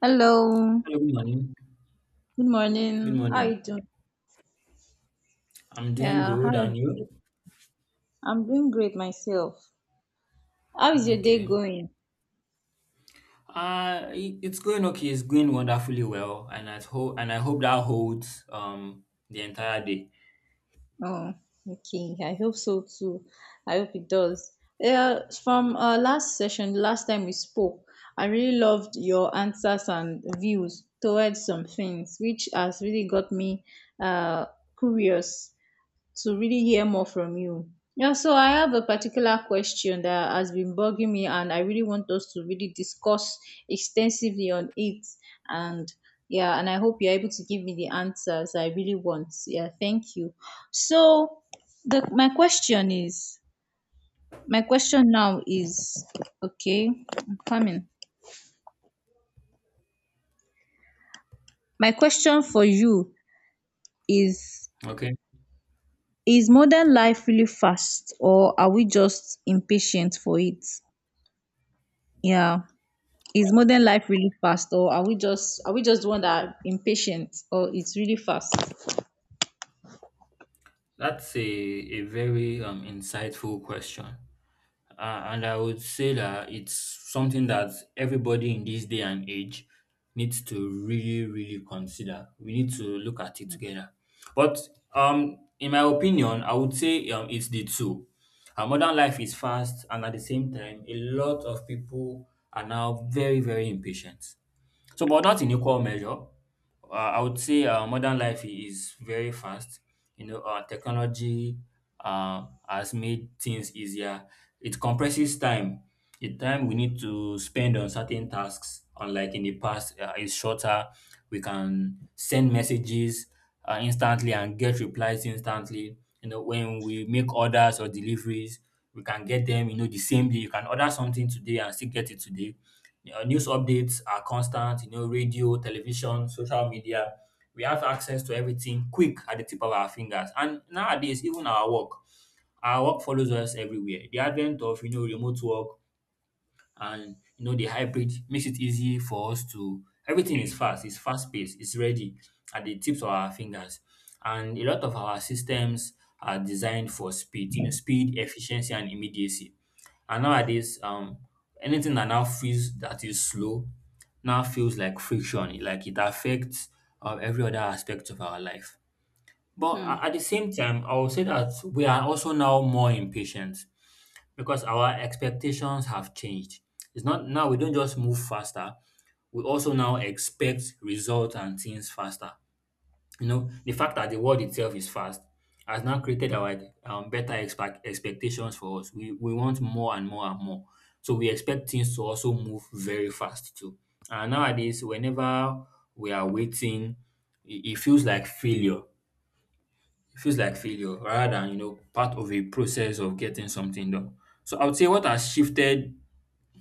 Hello. Hello, good morning. Good Good morning. How are morning. you doing? I'm doing Yeah, hi. good, and you? I'm doing great myself. How is your day Okay. going? It's going okay. It's going wonderfully well, and I hope that holds the entire day. Oh, okay. I hope so too. I hope it does. Yeah, from last session, last time we spoke, I really loved your answers and views towards some things, which has really got me uh curious to really hear more from you. Yeah, so I have a particular question that has been bugging me, and I really want us to really discuss extensively on it. And yeah, and I hope you're able to give me the answers I really want. Yeah, thank you. So, the, my question is my question now is okay, I'm coming. My question for you is Okay. Is modern life really fast, or are we just impatient for it? Yeah. Is modern life really fast, or are we just the one that are impatient, or it's really fast? That's a very insightful question. And I would say that it's something that everybody in this day and age needs to really, really consider. We need to look at it together. But in my opinion, I would say it's the two. Our modern life is fast, and at the same time, a lot of people are now very, very impatient. So, but not in equal measure. I would say is very fast. You know, technology has made things easier. It compresses time. The time we need to spend on certain tasks, unlike in the past, is shorter. We can send messages instantly and get replies instantly. You know, when we make orders or deliveries, we can get them. You know, the same day. You can order something today and still get it today. News updates are constant, you know, radio, television, social media. We have access to everything quick at the tip of our fingers. And nowadays, even our work follows us everywhere. The advent of, you know, remote work, and you know the hybrid makes it easy for us to everything is fast, it's fast paced, it's ready at the tips of our fingers, and a lot of our systems are designed for speed, you know, speed, efficiency, and immediacy. And nowadays, anything that is slow now feels like friction, like it affects every other aspect of our life. But Hmm. at the same time, I will say that we are also now more impatient, because our expectations have changed. It's not now we don't just move faster, we also now expect results and things faster. You know, the fact that the world itself is fast has now created our better expectations for us. We want more and more and more. So we expect things to also move very fast too. And nowadays, whenever we are waiting, it feels like failure, it feels like failure, rather than you know part of a process of getting something done. So I would say what has shifted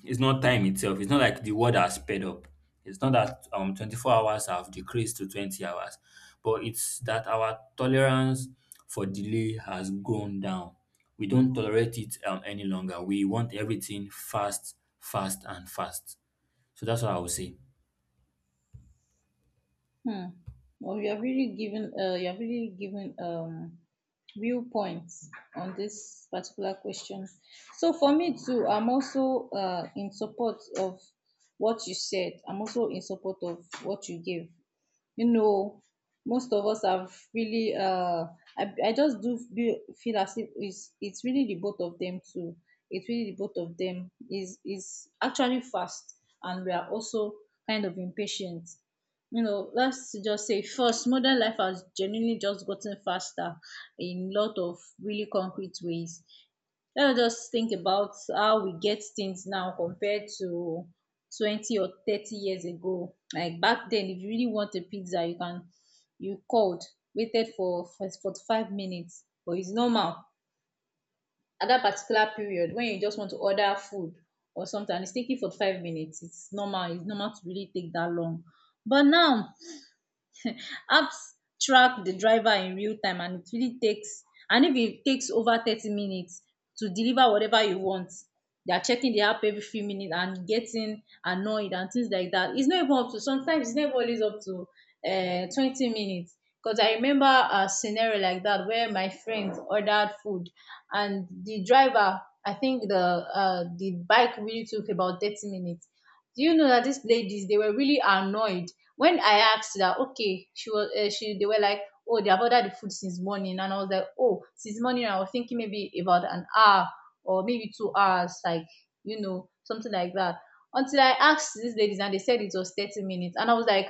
is not time itself. It's not like the world has sped up. It's not that 24 hours have decreased to 20 hours, but it's that our tolerance for delay has gone down. We don't tolerate it any longer. We want everything fast, fast, and fast. So that's what I would say. Hmm. Well, you have really given you have really given viewpoints on this particular question. So for me too, I'm also in support of what you said. I'm also in support of what you gave. You know, most of us have really, I just do feel as if it's really the both of them too. It's really the both of them. Is actually fast, and we are also kind of impatient. You know, let's just say first, modern life has genuinely just gotten faster in lot of really concrete ways. Let us just think about how we get things now compared to 20 or 30 years ago. Like back then, if you really want a pizza, you you called, waited for 45 minutes, but it's normal. At that particular period, when you just want to order food or something, and it's taking 45 minutes, it's normal. It's normal to really take that long. But now, apps track the driver in real time, and it really takes and if it takes over 30 minutes to deliver whatever you want, they are checking the app every few minutes and getting annoyed and things like that. It's not even up to, sometimes it's never always up to 20 minutes. Because I remember a scenario like that where my friend ordered food, and the driver, I think the bike really took about 30 minutes. Do you know that these ladies, they were really annoyed when I asked that? Okay, she was she they were like, oh, they have ordered the food since morning, and I was like, oh, since morning, I was thinking maybe about an hour or maybe 2 hours, like, you know, something like that. Until I asked these ladies and they said it was 30 minutes, and I was like,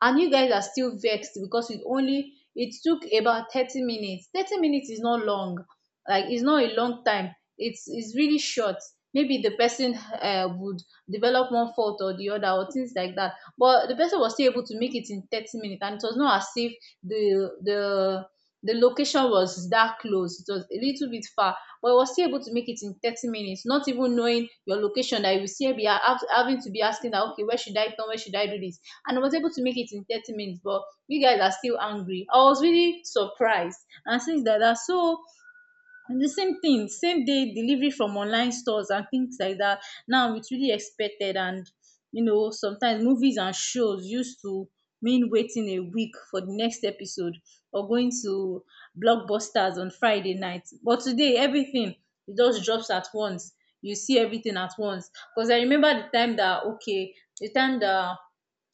and you guys are still vexed? Because it took about 30 minutes. 30 minutes is not long, like, it's not a long time, it's really short. Maybe the person would develop one fault or the other or things like that, but the person was still able to make it in 30 minutes. And it was not as if the the the location was that close. It was a little bit far, but I was still able to make it in 30 minutes, not even knowing your location, that you will still be having to be asking that, okay, where should I turn, where should I do this, and was able to make it in 30 minutes, but you guys are still angry. I was really surprised. And since like that. That's So the same thing, same day delivery from online stores and things like that. Now it's really expected. And you know, sometimes movies and shows used to mean waiting a week for the next episode, or going to blockbusters on Friday night. But today everything, it just drops at once. You see everything at once. Because I remember the time that, okay, the time that,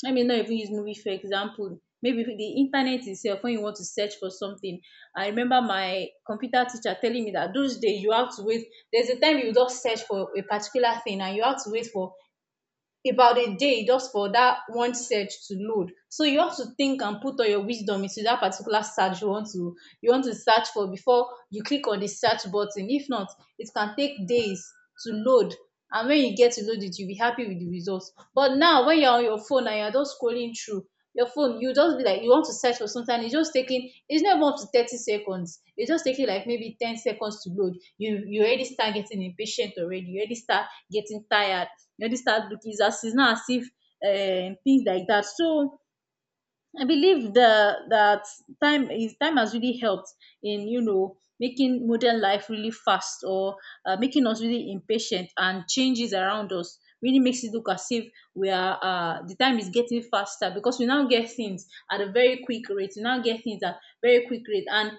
let me not even use movie for example, maybe the internet itself, when you want to search for something, I remember my computer teacher telling me that those days you have to wait. There's a time you just search for a particular thing and you have to wait for about a day just for that one search to load. So you have to think and put all your wisdom into that particular search you want to search for before you click on the search button. If not, it can take days to load. And when you get to load it, you'll be happy with the results. But now when you're on your phone and you're just scrolling through your phone, you just be like, you want to search for something, it's just taking, it's not even up to 30 seconds, it's just taking like maybe 10 seconds to load, you already start getting impatient already, you already start getting tired, you already start looking, it's as, it's not as if things like that. So I believe the that time has really helped in, you know, making modern life really fast, or making us really impatient. And changes around us really makes it look as if we are, the time is getting faster because we now get things at a very quick rate. We now get things at very quick rate, and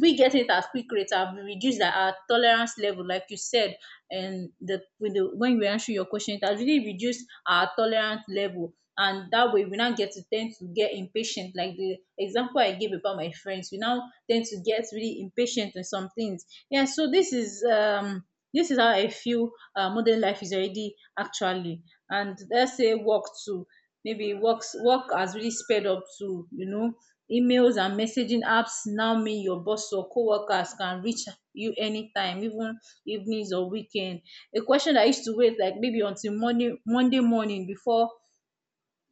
we get it at quick rates, have reduced our tolerance level, like you said. And the, with the, when we answer your question, it has really reduced our tolerance level, and that way we now get to tend to get impatient, like the example I gave about my friends, we now tend to get really impatient on some things. Yeah, so this is how I feel modern life is already actually. And let's say work too, maybe work has really sped up to, you know, emails and messaging apps now mean your boss or coworkers can reach you anytime, even evenings or weekend. A question I used to wait like maybe until Monday morning before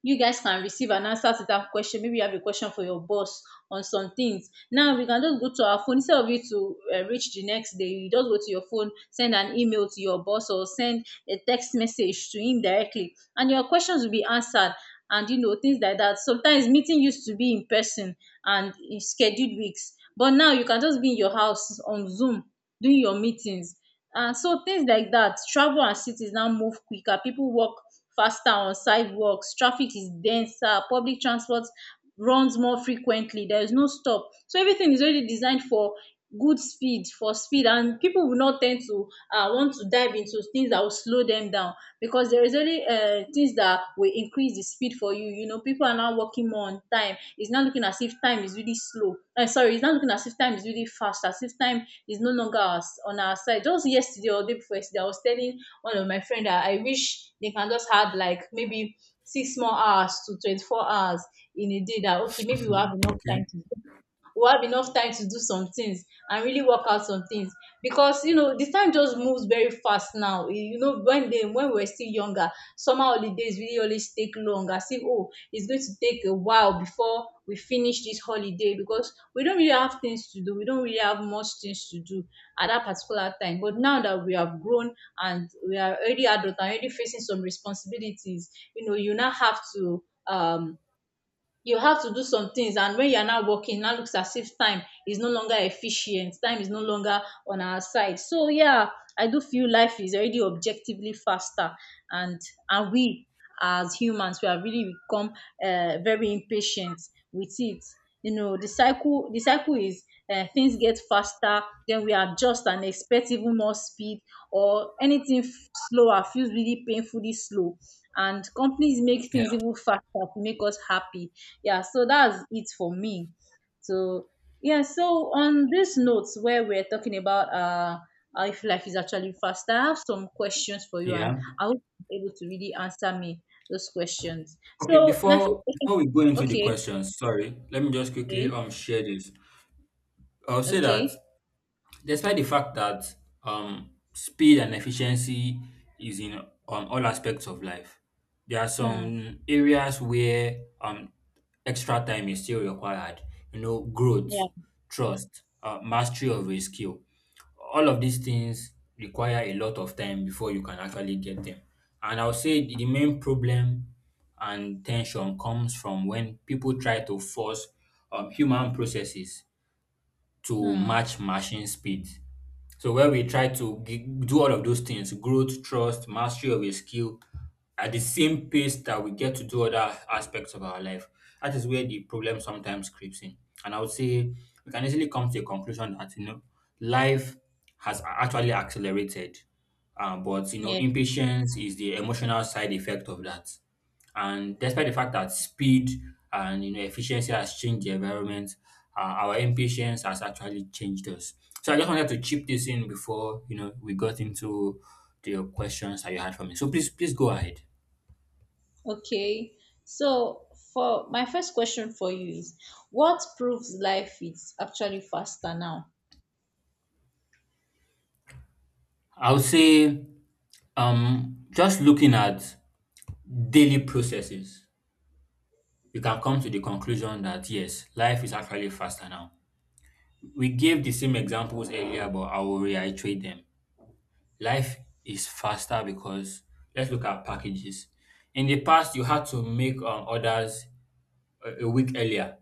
you guys can receive and answer to that question. Maybe you have a question for your boss on some things. Now we can just go to our phone instead of you to reach the next day. You just go to your phone, send an email to your boss, or send a text message to him directly, and your questions will be answered. And you know things like that. Sometimes meeting used to be in person and in scheduled weeks, but now you can just be in your house on Zoom doing your meetings. And so things like that, travel and cities now move quicker. People walk faster on sidewalks, traffic is denser, public transport runs more frequently, there is no stop. So everything is already designed for good speed, for speed, and people will not tend to want to dive into things that will slow them down because there is only things that back will increase the speed for you. You know, people are now working more on time. It's not looking as if time is really slow. Sorry, it's not looking as if time is really fast, as if time is no longer on our side. Just yesterday or day before yesterday, I was telling one of my friend that I wish they can just have like maybe 6 more hours to 24 hours in a day, that, okay, maybe Mhm. Okay. We'll have enough time to do some things and really work out some things. Because you know the time just moves very fast now. You know, when we were still younger, summer holidays really always take long, as if, oh, it's going to take a while before we finish this holiday because we don't really have things to do, we don't really have much things to do at that particular time. But now that we have grown, and we are already adult and already facing some responsibilities, you know, you now have to you have to do some things, and when you're not working, now looks as if time is no longer efficient, time is no longer on our side. So yeah, I do feel life is already objectively faster. And and we, as humans, we have really become very impatient with it. You know, the cycle is, things get faster, then we adjust and expect even more speed, or anything slower feels really painfully slow, and companies make Yeah. things even faster to make us happy. Yeah, so that's it for me. So yeah, so on this note, where we're talking about if life is actually faster, I have some questions for you, and Yeah. I hope you're able to really answer me those questions. Okay, So my first before question before we go into the Okay, questions, sorry, let me just quickly okay, share this. I'll say that okay. despite the fact that speed and efficiency is in all aspects of life, there are Hmm. some areas where extra time is still required. You know, Yeah. growth, trust, mastery of a skill. All of these things require a lot of time before you can actually get them. And I'll say the main problem and tension comes from when people try to force human processes to Hmm. match machine speed. So where we try to g- do all of those things, growth, trust, mastery of a skill at the same pace that we get to do other aspects of our life. That is where the problem sometimes creeps in. And I would say we can easily come to a conclusion that, you know, life has actually accelerated. But, you know, Yeah. impatience is the emotional side effect of that. And despite the fact that speed and you know efficiency has changed the environment, our impatience has actually changed us. So I just wanted to chip this in before you know we got into the questions that you had for me. So please, please go ahead. Okay. So for my first question for you is, what proves life is actually faster now? I would say, just looking at daily processes, we can come to the conclusion that yes, life is actually faster now. We gave the same examples earlier, but I will reiterate them. Life is faster because let's look at packages. In the past, you had to make orders a week earlier.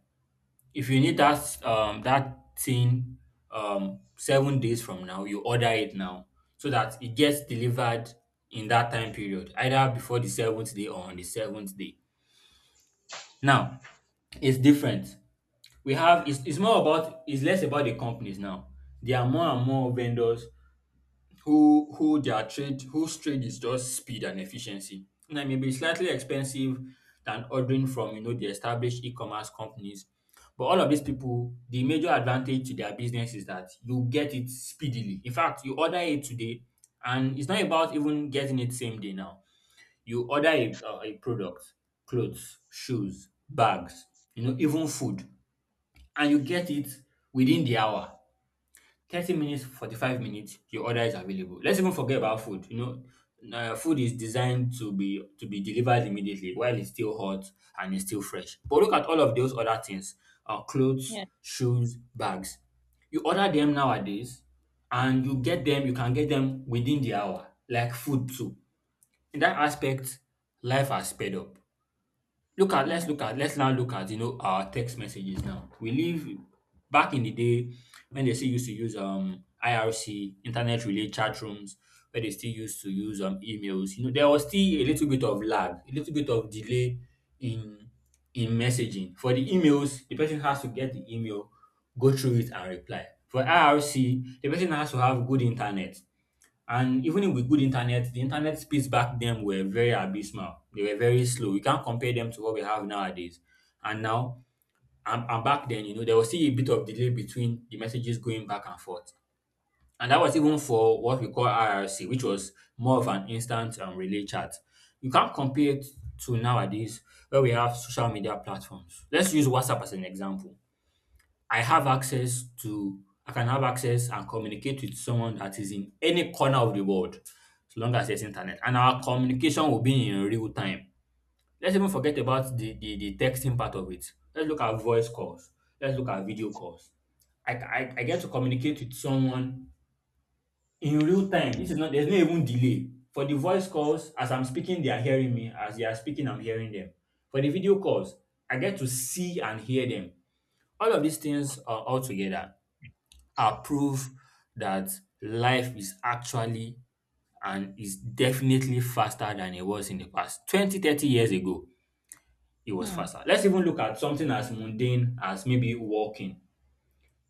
If you need that that thing 7 days from now, you order it now so that it gets delivered in that time period, either before the seventh day or on the seventh day. Now it's different. We have it's more about it's less about the companies now. There are more and more vendors whose trade is just speed and efficiency. And it may be slightly expensive than ordering from you know the established e-commerce companies. But all of these people, the major advantage to their business is that you get it speedily. In fact, you order it today, and it's not about even getting it same day now. You order a product, clothes, shoes, bags, you know, even food, and you get it within the hour, 30 minutes, 45 minutes, your order is available. Let's even forget about food. You know, food is designed to be delivered immediately while it's still hot and it's still fresh. But look at all of those other things: clothes, Yeah. shoes, bags. You order them nowadays, and you get them. You can get them within the hour, like food too. In that aspect, life has sped up. Hmm. Look at let's now look at you know our text messages now. We live back in the day when they still used to use IRC, internet relay chat rooms, where they still used to use emails. You know there was still a little bit of lag, a little bit of delay in in messaging. For the emails, the person has to get the email, go through it and reply. For IRC, the person has to have good internet, and even if with good internet, the internet speeds back then were very abysmal. They were very slow. We can't compare them to what we have nowadays. And now, and back then, you know, there was still a bit of delay between the messages going back and forth. And that was even for what we call IRC, which was more of an instant relay chat. You can't compare it to nowadays where we have social media platforms. Let's use WhatsApp as an example. I have access to I can have access and communicate with someone that is in any corner of the world as long as there's internet, and our communication will be in real time. Let's even forget about the texting part of it. Let's look at voice calls. Let's look at video calls. I get to communicate with someone in real time. This is not there's no even delay. For the voice calls, as I'm speaking, they are hearing me. As they are speaking, I'm hearing them. For the video calls, I get to see and hear them. All of these things are all together are that life is actually and is definitely faster than it was in the past. 20, 30 years ago, it was Hmm. faster. Let's even look at something as mundane as maybe walking.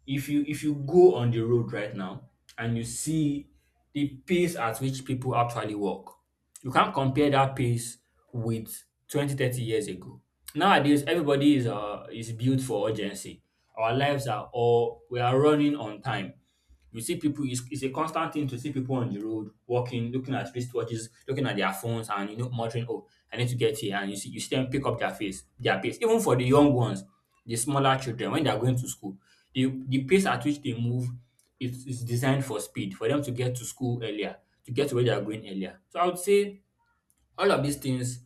If you go on the road right now and you see the pace at which people actually walk, you can't compare that pace with 20, 30 years ago. Nowadays, everybody is built for urgency. Our lives are all we are running on time. You see people, it's a constant thing to see people on the road walking, looking at wristwatches, looking at their phones, and you know, muttering, "Oh, I need to get here." And you see them pick up their pace. Even for the young ones, the smaller children, when they are going to school, the pace at which they move is designed for speed, for them to get to school earlier, to get to where they are going earlier. So I would say all of these things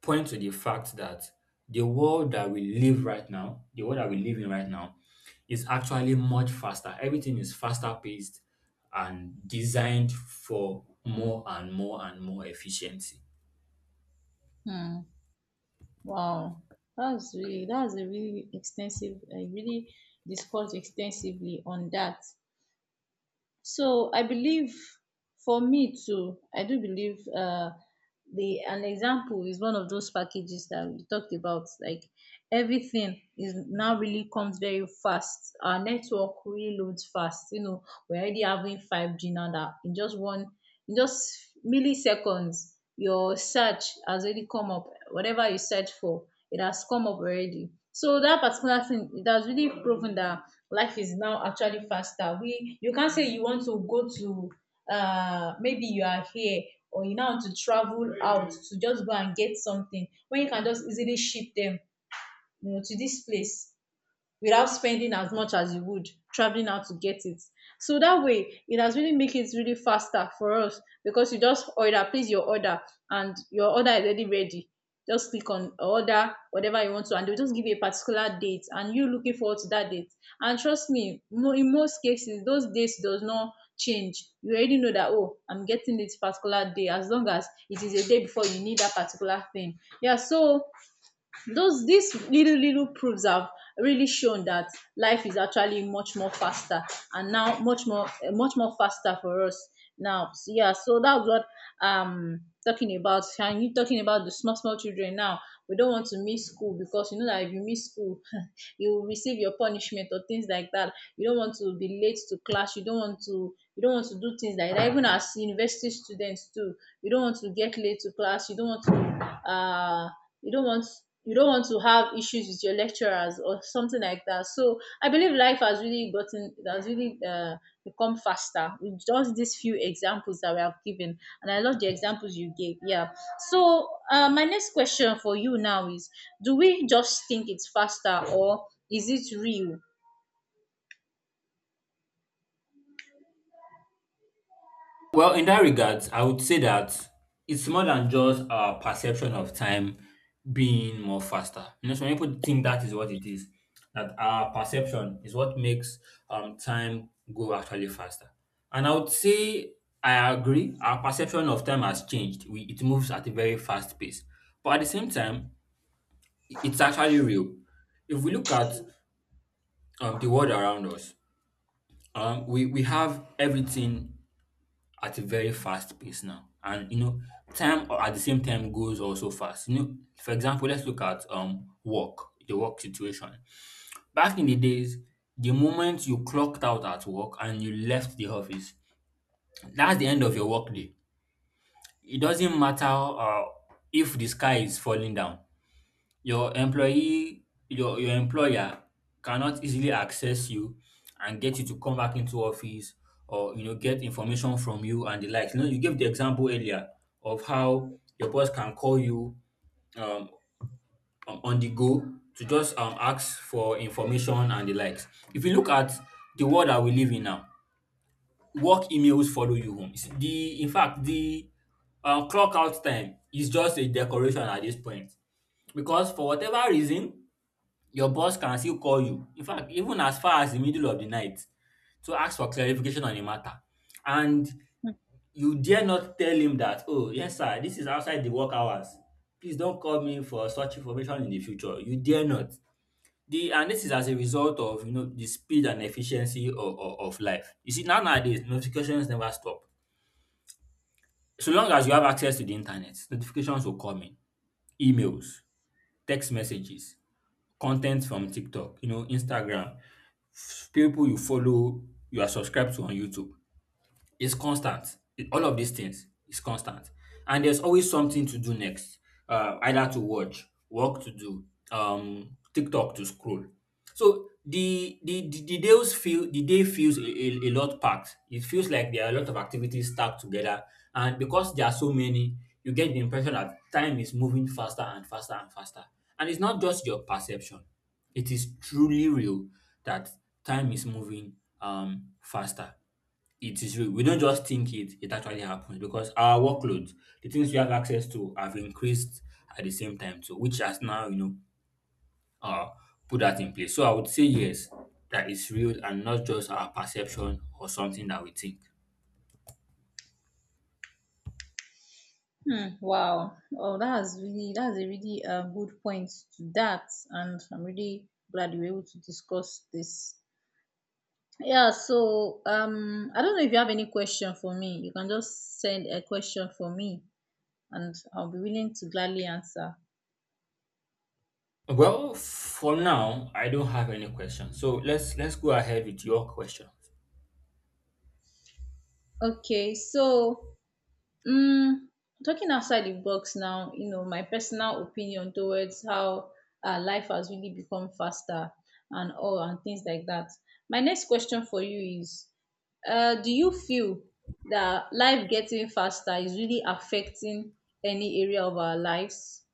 point to the fact that the world that we live right now, the world that we live in right now, is actually much faster. Everything is faster paced and designed for more and more and more efficiency. Hmm. Wow. That's a really extensive. I really discussed extensively on that. So I believe for me too, I do believe the an example is one of those packages that we talked about, like everything is now really comes very fast. Our network really loads fast. You know, we're already having 5G now that in just one, in just milliseconds, your search has already come up. Whatever you search for, it has come up already. So that particular thing, it has really proven that life is now actually faster. We you can't say you want to go to maybe you are here, or you now want to travel out to just go and get something when you can just easily ship them, you know, to this place without spending as much as you would traveling out to get it. So that way, it has really make it really faster for us because you just order, place your order, and your order is already ready. Just click on order whatever you want to, and they'll just give you a particular date, and you looking forward to that date. And trust me, in most cases, those dates does not change. You already know that, oh, I'm getting this particular day, as long as it is a day before you need that particular thing. Yeah, so those these little proofs have really shown that life is actually much more faster, and now much more faster for us now. So, yeah, so that's what talking about. And you talking about the small children now, we don't want to miss school because you know that if you miss school you will receive your punishment or things like that. You don't want to be late to class. You don't want to do things like that. Even as university students too, you don't want to get late to class. You don't want to you don't want have issues with your lecturers or something like that. So I believe life has really become faster with just these few examples that we have given, and I love the examples you gave. Yeah. So my next question for you now is: do we just think it's faster, or is it real? Well, in that regards, I would say that it's more than just our perception of time being more faster. You know, some people think that is what it is, that our perception is what makes time go actually faster. And I would say I agree, our perception of time has changed. We, it moves at a very fast pace. But at the same time, it's actually real. If we look at the world around us, we have everything at a very fast pace now. And you know, time or at the same time goes also fast. You know, for example, let's look at work, the work situation. Back in the days, the moment you clocked out at work and you left the office, that's the end of your work day. It doesn't matter if the sky is falling down. Your employee your employer cannot easily access you and get you to come back into office, or you know, get information from you and the likes. You know, you gave the example earlier of how your boss can call you um on the go to just ask for information and the likes. If you look at the world that we live in now, work emails follow you home. It's The in fact the clock out time is just a decoration at this point, because for whatever reason your boss can still call you. In fact, even as far as the middle of the night, to ask for clarification on a matter. And you dare not tell him that, oh, yes, sir, this is outside the work hours. Please don't call me for such information in the future. You dare not. And this is as a result of you know the speed and efficiency of life. You see, now nowadays notifications never stop. So long as you have access to the internet, notifications will come in, emails, text messages, content from TikTok, you know, Instagram, people you follow, you are subscribed to on YouTube. It's constant. All of these things is constant. And there's always something to do next. Either to watch, work to do, TikTok to scroll. So the day feels a lot packed. It feels like there are a lot of activities stacked together. And because there are so many, you get the impression that time is moving faster and faster and faster. And it's not just your perception. It is truly real that time is moving faster. It is real. We don't just think it, it actually happens because our workload, the things we have access to, have increased at the same time too, which has now, you know, uh, put that in place. So I would say yes, that is real and not just our perception or something that we think. Hmm, wow. Oh, that's really, that's a really good point to that, and I'm really glad you were able to discuss this. Yeah, so I don't know if you have any question for me. You can just send a question for me, and I'll be willing to gladly answer. Well, for now, I don't have any questions. So let's go ahead with your question. Okay, so um, talking outside the box now, you know, my personal opinion towards how life has really become faster and all and things like that. My next question for you is, do you feel that life getting faster is really affecting any area of our lives?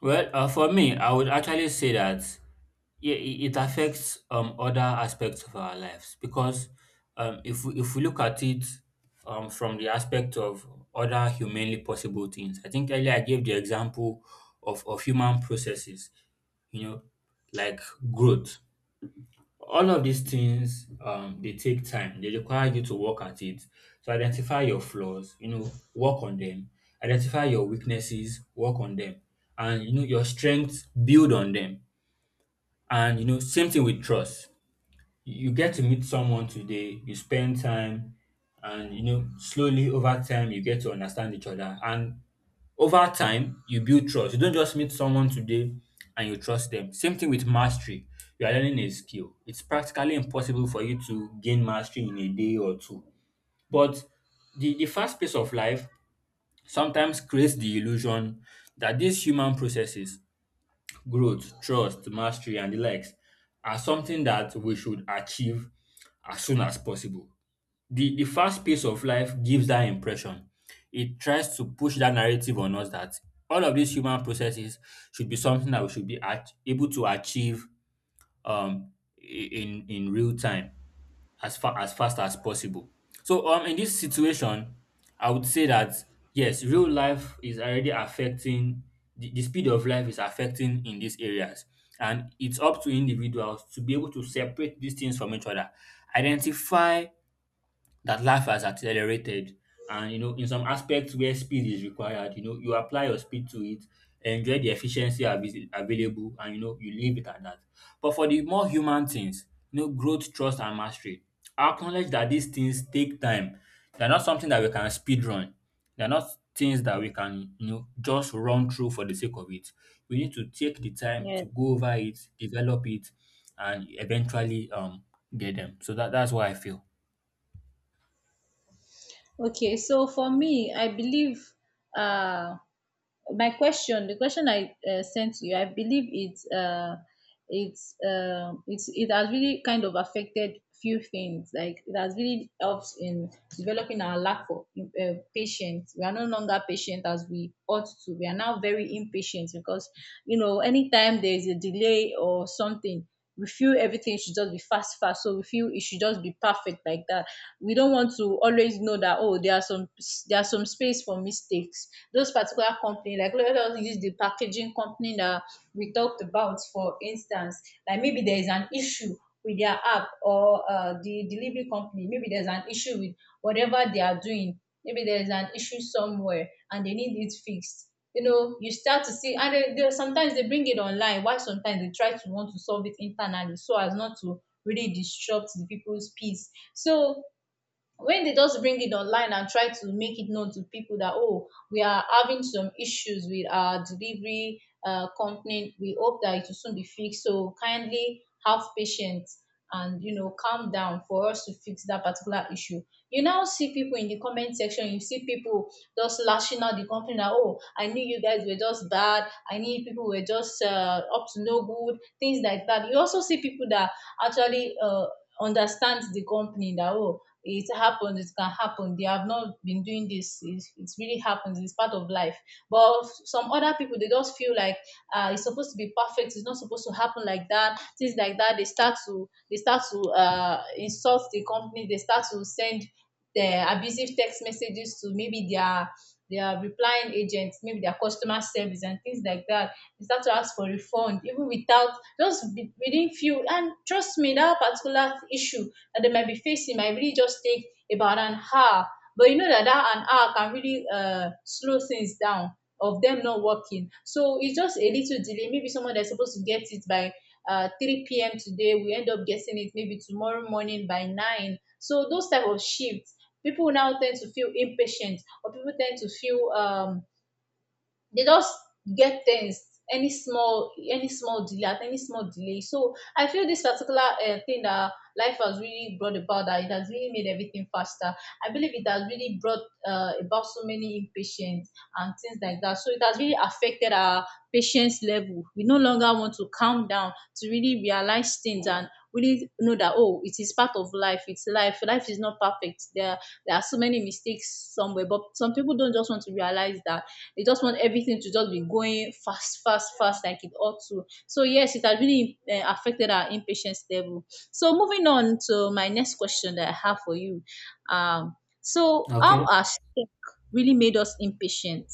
Well, for me, I would actually say that yeah, it affects other aspects of our lives, because if we look at it from the aspect of other humanly possible things. I think earlier I gave the example of human processes, you know, like growth. All of these things they take time. They require you to work at it. So identify your flaws, you know, work on them. Identify your weaknesses, work on them. And you know your strengths, build on them. And you know, same thing with trust. You get to meet someone today, you spend time, and you know, slowly over time you get to understand each other. And over time, you build trust. You don't just meet someone today and you trust them. Same thing with mastery. You are learning a skill. It's practically impossible for you to gain mastery in a day or two. But the fast pace of life sometimes creates the illusion that these human processes, growth, trust, mastery, and the likes, are something that we should achieve as soon as possible. The fast pace of life gives that impression. It tries to push that narrative on us that all of these human processes should be something that we should be able to achieve um in real time, as far as fast as possible. So in this situation, I would say that yes, real life is already affecting the speed of life is affecting in these areas. And it's up to individuals to be able to separate these things from each other, identify that life has accelerated, and you know, in some aspects where speed is required, you know, you apply your speed to it, enjoy the efficiency available, and you know, you leave it at that. But for the more human things, you know, growth, trust, and mastery, acknowledge that these things take time. They're not something that we can speed run. They're not things that we can, you know, just run through for the sake of it. We need to take the time Yeah. to go over it, develop it, and eventually get them. So that that's what I feel. Okay, so for me, I believe uh, the question I sent to you, I believe it has really kind of affected few things. Like it has really helped in developing our lack of patience. We are no longer patient as we ought to. We are now very impatient because you know anytime there is a delay or something, we feel everything should just be fast fast, so we feel it should just be perfect like that. We don't want to always know that, oh, there are some, there are some space for mistakes. Those particular company, like let us use the packaging company that we talked about for instance. Like maybe there is an issue with their app, or the delivery company, maybe there's an issue with whatever they are doing, maybe there's an issue somewhere and they need it fixed. You know, you start to see, and they sometimes they bring it online, while sometimes they try to want to solve it internally so as not to really disrupt the people's peace. So when they just bring it online and try to make it known to people that, oh, we are having some issues with our delivery company, we hope that it will soon be fixed, so kindly have patience and, you know, calm down for us to fix that particular issue. You now see people in the comment section. You see people just lashing out the company, that, oh, I knew you guys were just bad, I knew people were just up to no good, things like that. You also see people that actually understand the company, that, oh, it happens, it can happen, they have not been doing this. It really happens, it's part of life. But some other people, they just feel like, it's supposed to be perfect, it's not supposed to happen like that, things like that. They start to insult the company. They start to send the abusive text messages to maybe their replying agents, maybe their customer service and things like that. They start to ask for refund even without just within few. And trust me, that particular issue that they might be facing might really just take about an hour. But you know that that an hour can really slow things down of them not working. So it's just a little delay. Maybe someone that's supposed to get it by 3 p.m. today, we end up getting it maybe tomorrow morning by 9. So those type of shifts, people now tend to feel impatient, or people tend to feel they just get things, any small delay at any small delay. So I feel this particular thing that life has really brought about, that it has really made everything faster, I believe it has really brought about so many impatience and things like that. So it has really affected our patience level. We no longer want to calm down to really realize things and really know that, oh, it is part of life. It's life. Life is not perfect. There are so many mistakes somewhere, but some people don't just want to realize that. They just want everything to just be going fast, fast, fast, like it ought to. So yes, it has really affected our impatience level. So moving on to my next question that I have for you. Um, so how Okay, has tech really made us impatient?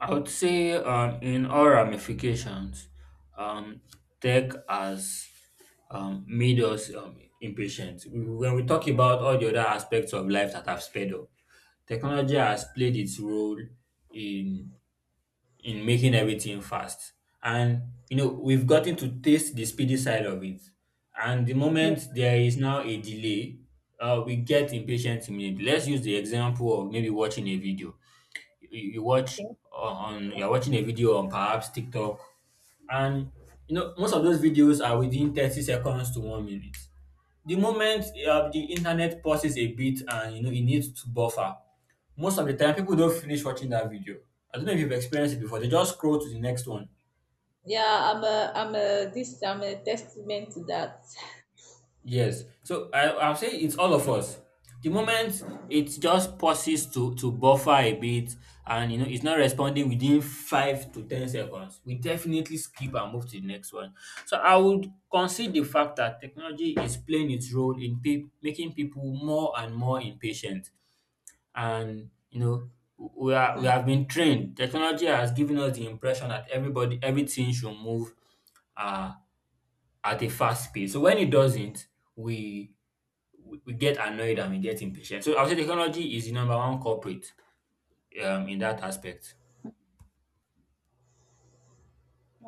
I would say in all ramifications, um, tech has made us impatient. When we talk about all the other aspects of life that have sped up, technology has played its role in in making everything fast. And you know, we've gotten to taste the speedy side of it. And the Yeah, moment there is now a delay, we get impatient immediately. Let's use the example of maybe watching a video. You you, watch okay. On you're watching a video on perhaps TikTok, and you know, most of those videos are within 30 seconds to 1 minute. The moment the internet pauses a bit and you know it needs to buffer, most of the time people don't finish watching that video. I don't know if you've experienced it before, they just scroll to the next one. Yeah, I'm a testament to that. Yes. So I, I'll say it's all of us. The moment it just pauses to buffer a bit, and you know it's not responding within 5 to 10 seconds, we definitely skip and move to the next one. So I would concede the fact that technology is playing its role in making people more and more impatient. And you know, we are we have been trained. Technology has given us the impression that everybody everything should move uh, at a fast pace. So when it doesn't, we we get annoyed and we get impatient. So I would say technology is the number one culprit in that aspect.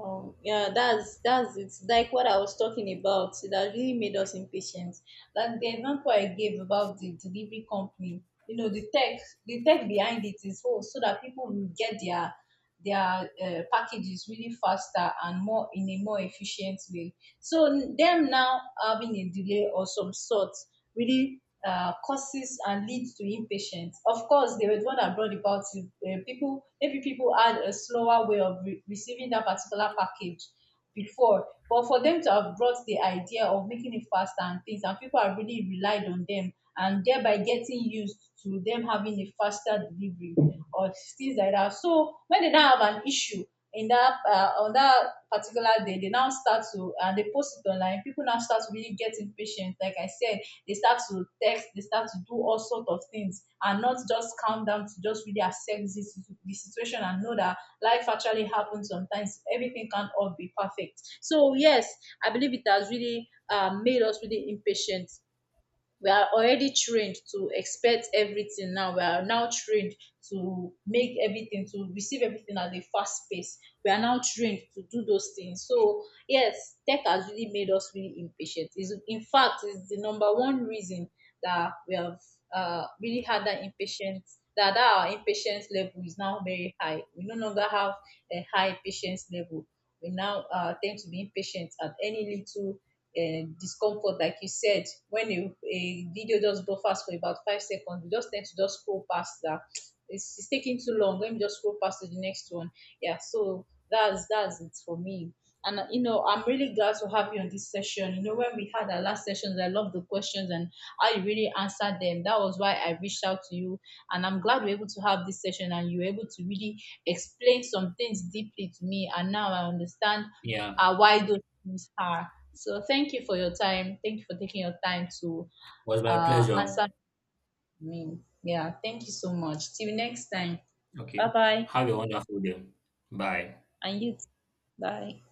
Yeah, that's it's like what I was talking about. It has really made us impatient. Like the example I gave about the delivery company, you know, the tech behind it is so that people will get their packages really faster and more in a more efficient way. So them now having a delay or some sort really causes and leads to impatience. Of course, they were the one that brought about it. People maybe people had a slower way of receiving that particular package before, but for them to have brought the idea of making it faster and things, and people are really relied on them and thereby getting used to them having a faster delivery or things like that. So when they now have an issue in that, on that particular day, they now start to, and they post it online. People now start to really get impatient. Like I said, they start to text, they start to do all sort of things, and not just calm down to just really accept this, the situation, and know that life actually happens sometimes. Everything can't all be perfect. So yes, I believe it has really made us really impatient. We are already trained to expect everything now. We are now trained to make everything, to receive everything at a fast pace. We are now trained to do those things. So yes, tech has really made us really impatient. Is in fact, is the number one reason that we have really had that impatience. That our impatience level is now very high. We no longer have a high patience level. We now tend to be impatient at any little discomfort, like you said, when a video just buffers for about 5 seconds, you just tend to just scroll past that. It's taking too long. Let me just scroll past to the next one. Yeah, so that's it for me. And I'm really glad to have you on this session. You know, when we had our last sessions, I love the questions and how you really answered them. That was why I reached out to you, and I'm glad we're able to have this session, and you were able to really explain some things deeply to me. And now I understand Yeah, why those things are. So thank you for your time. Thank you for taking your time to was my pleasure. answer me. Yeah, thank you so much. Till next time. Okay, Bye bye. have a wonderful day. Bye. And you too. Bye.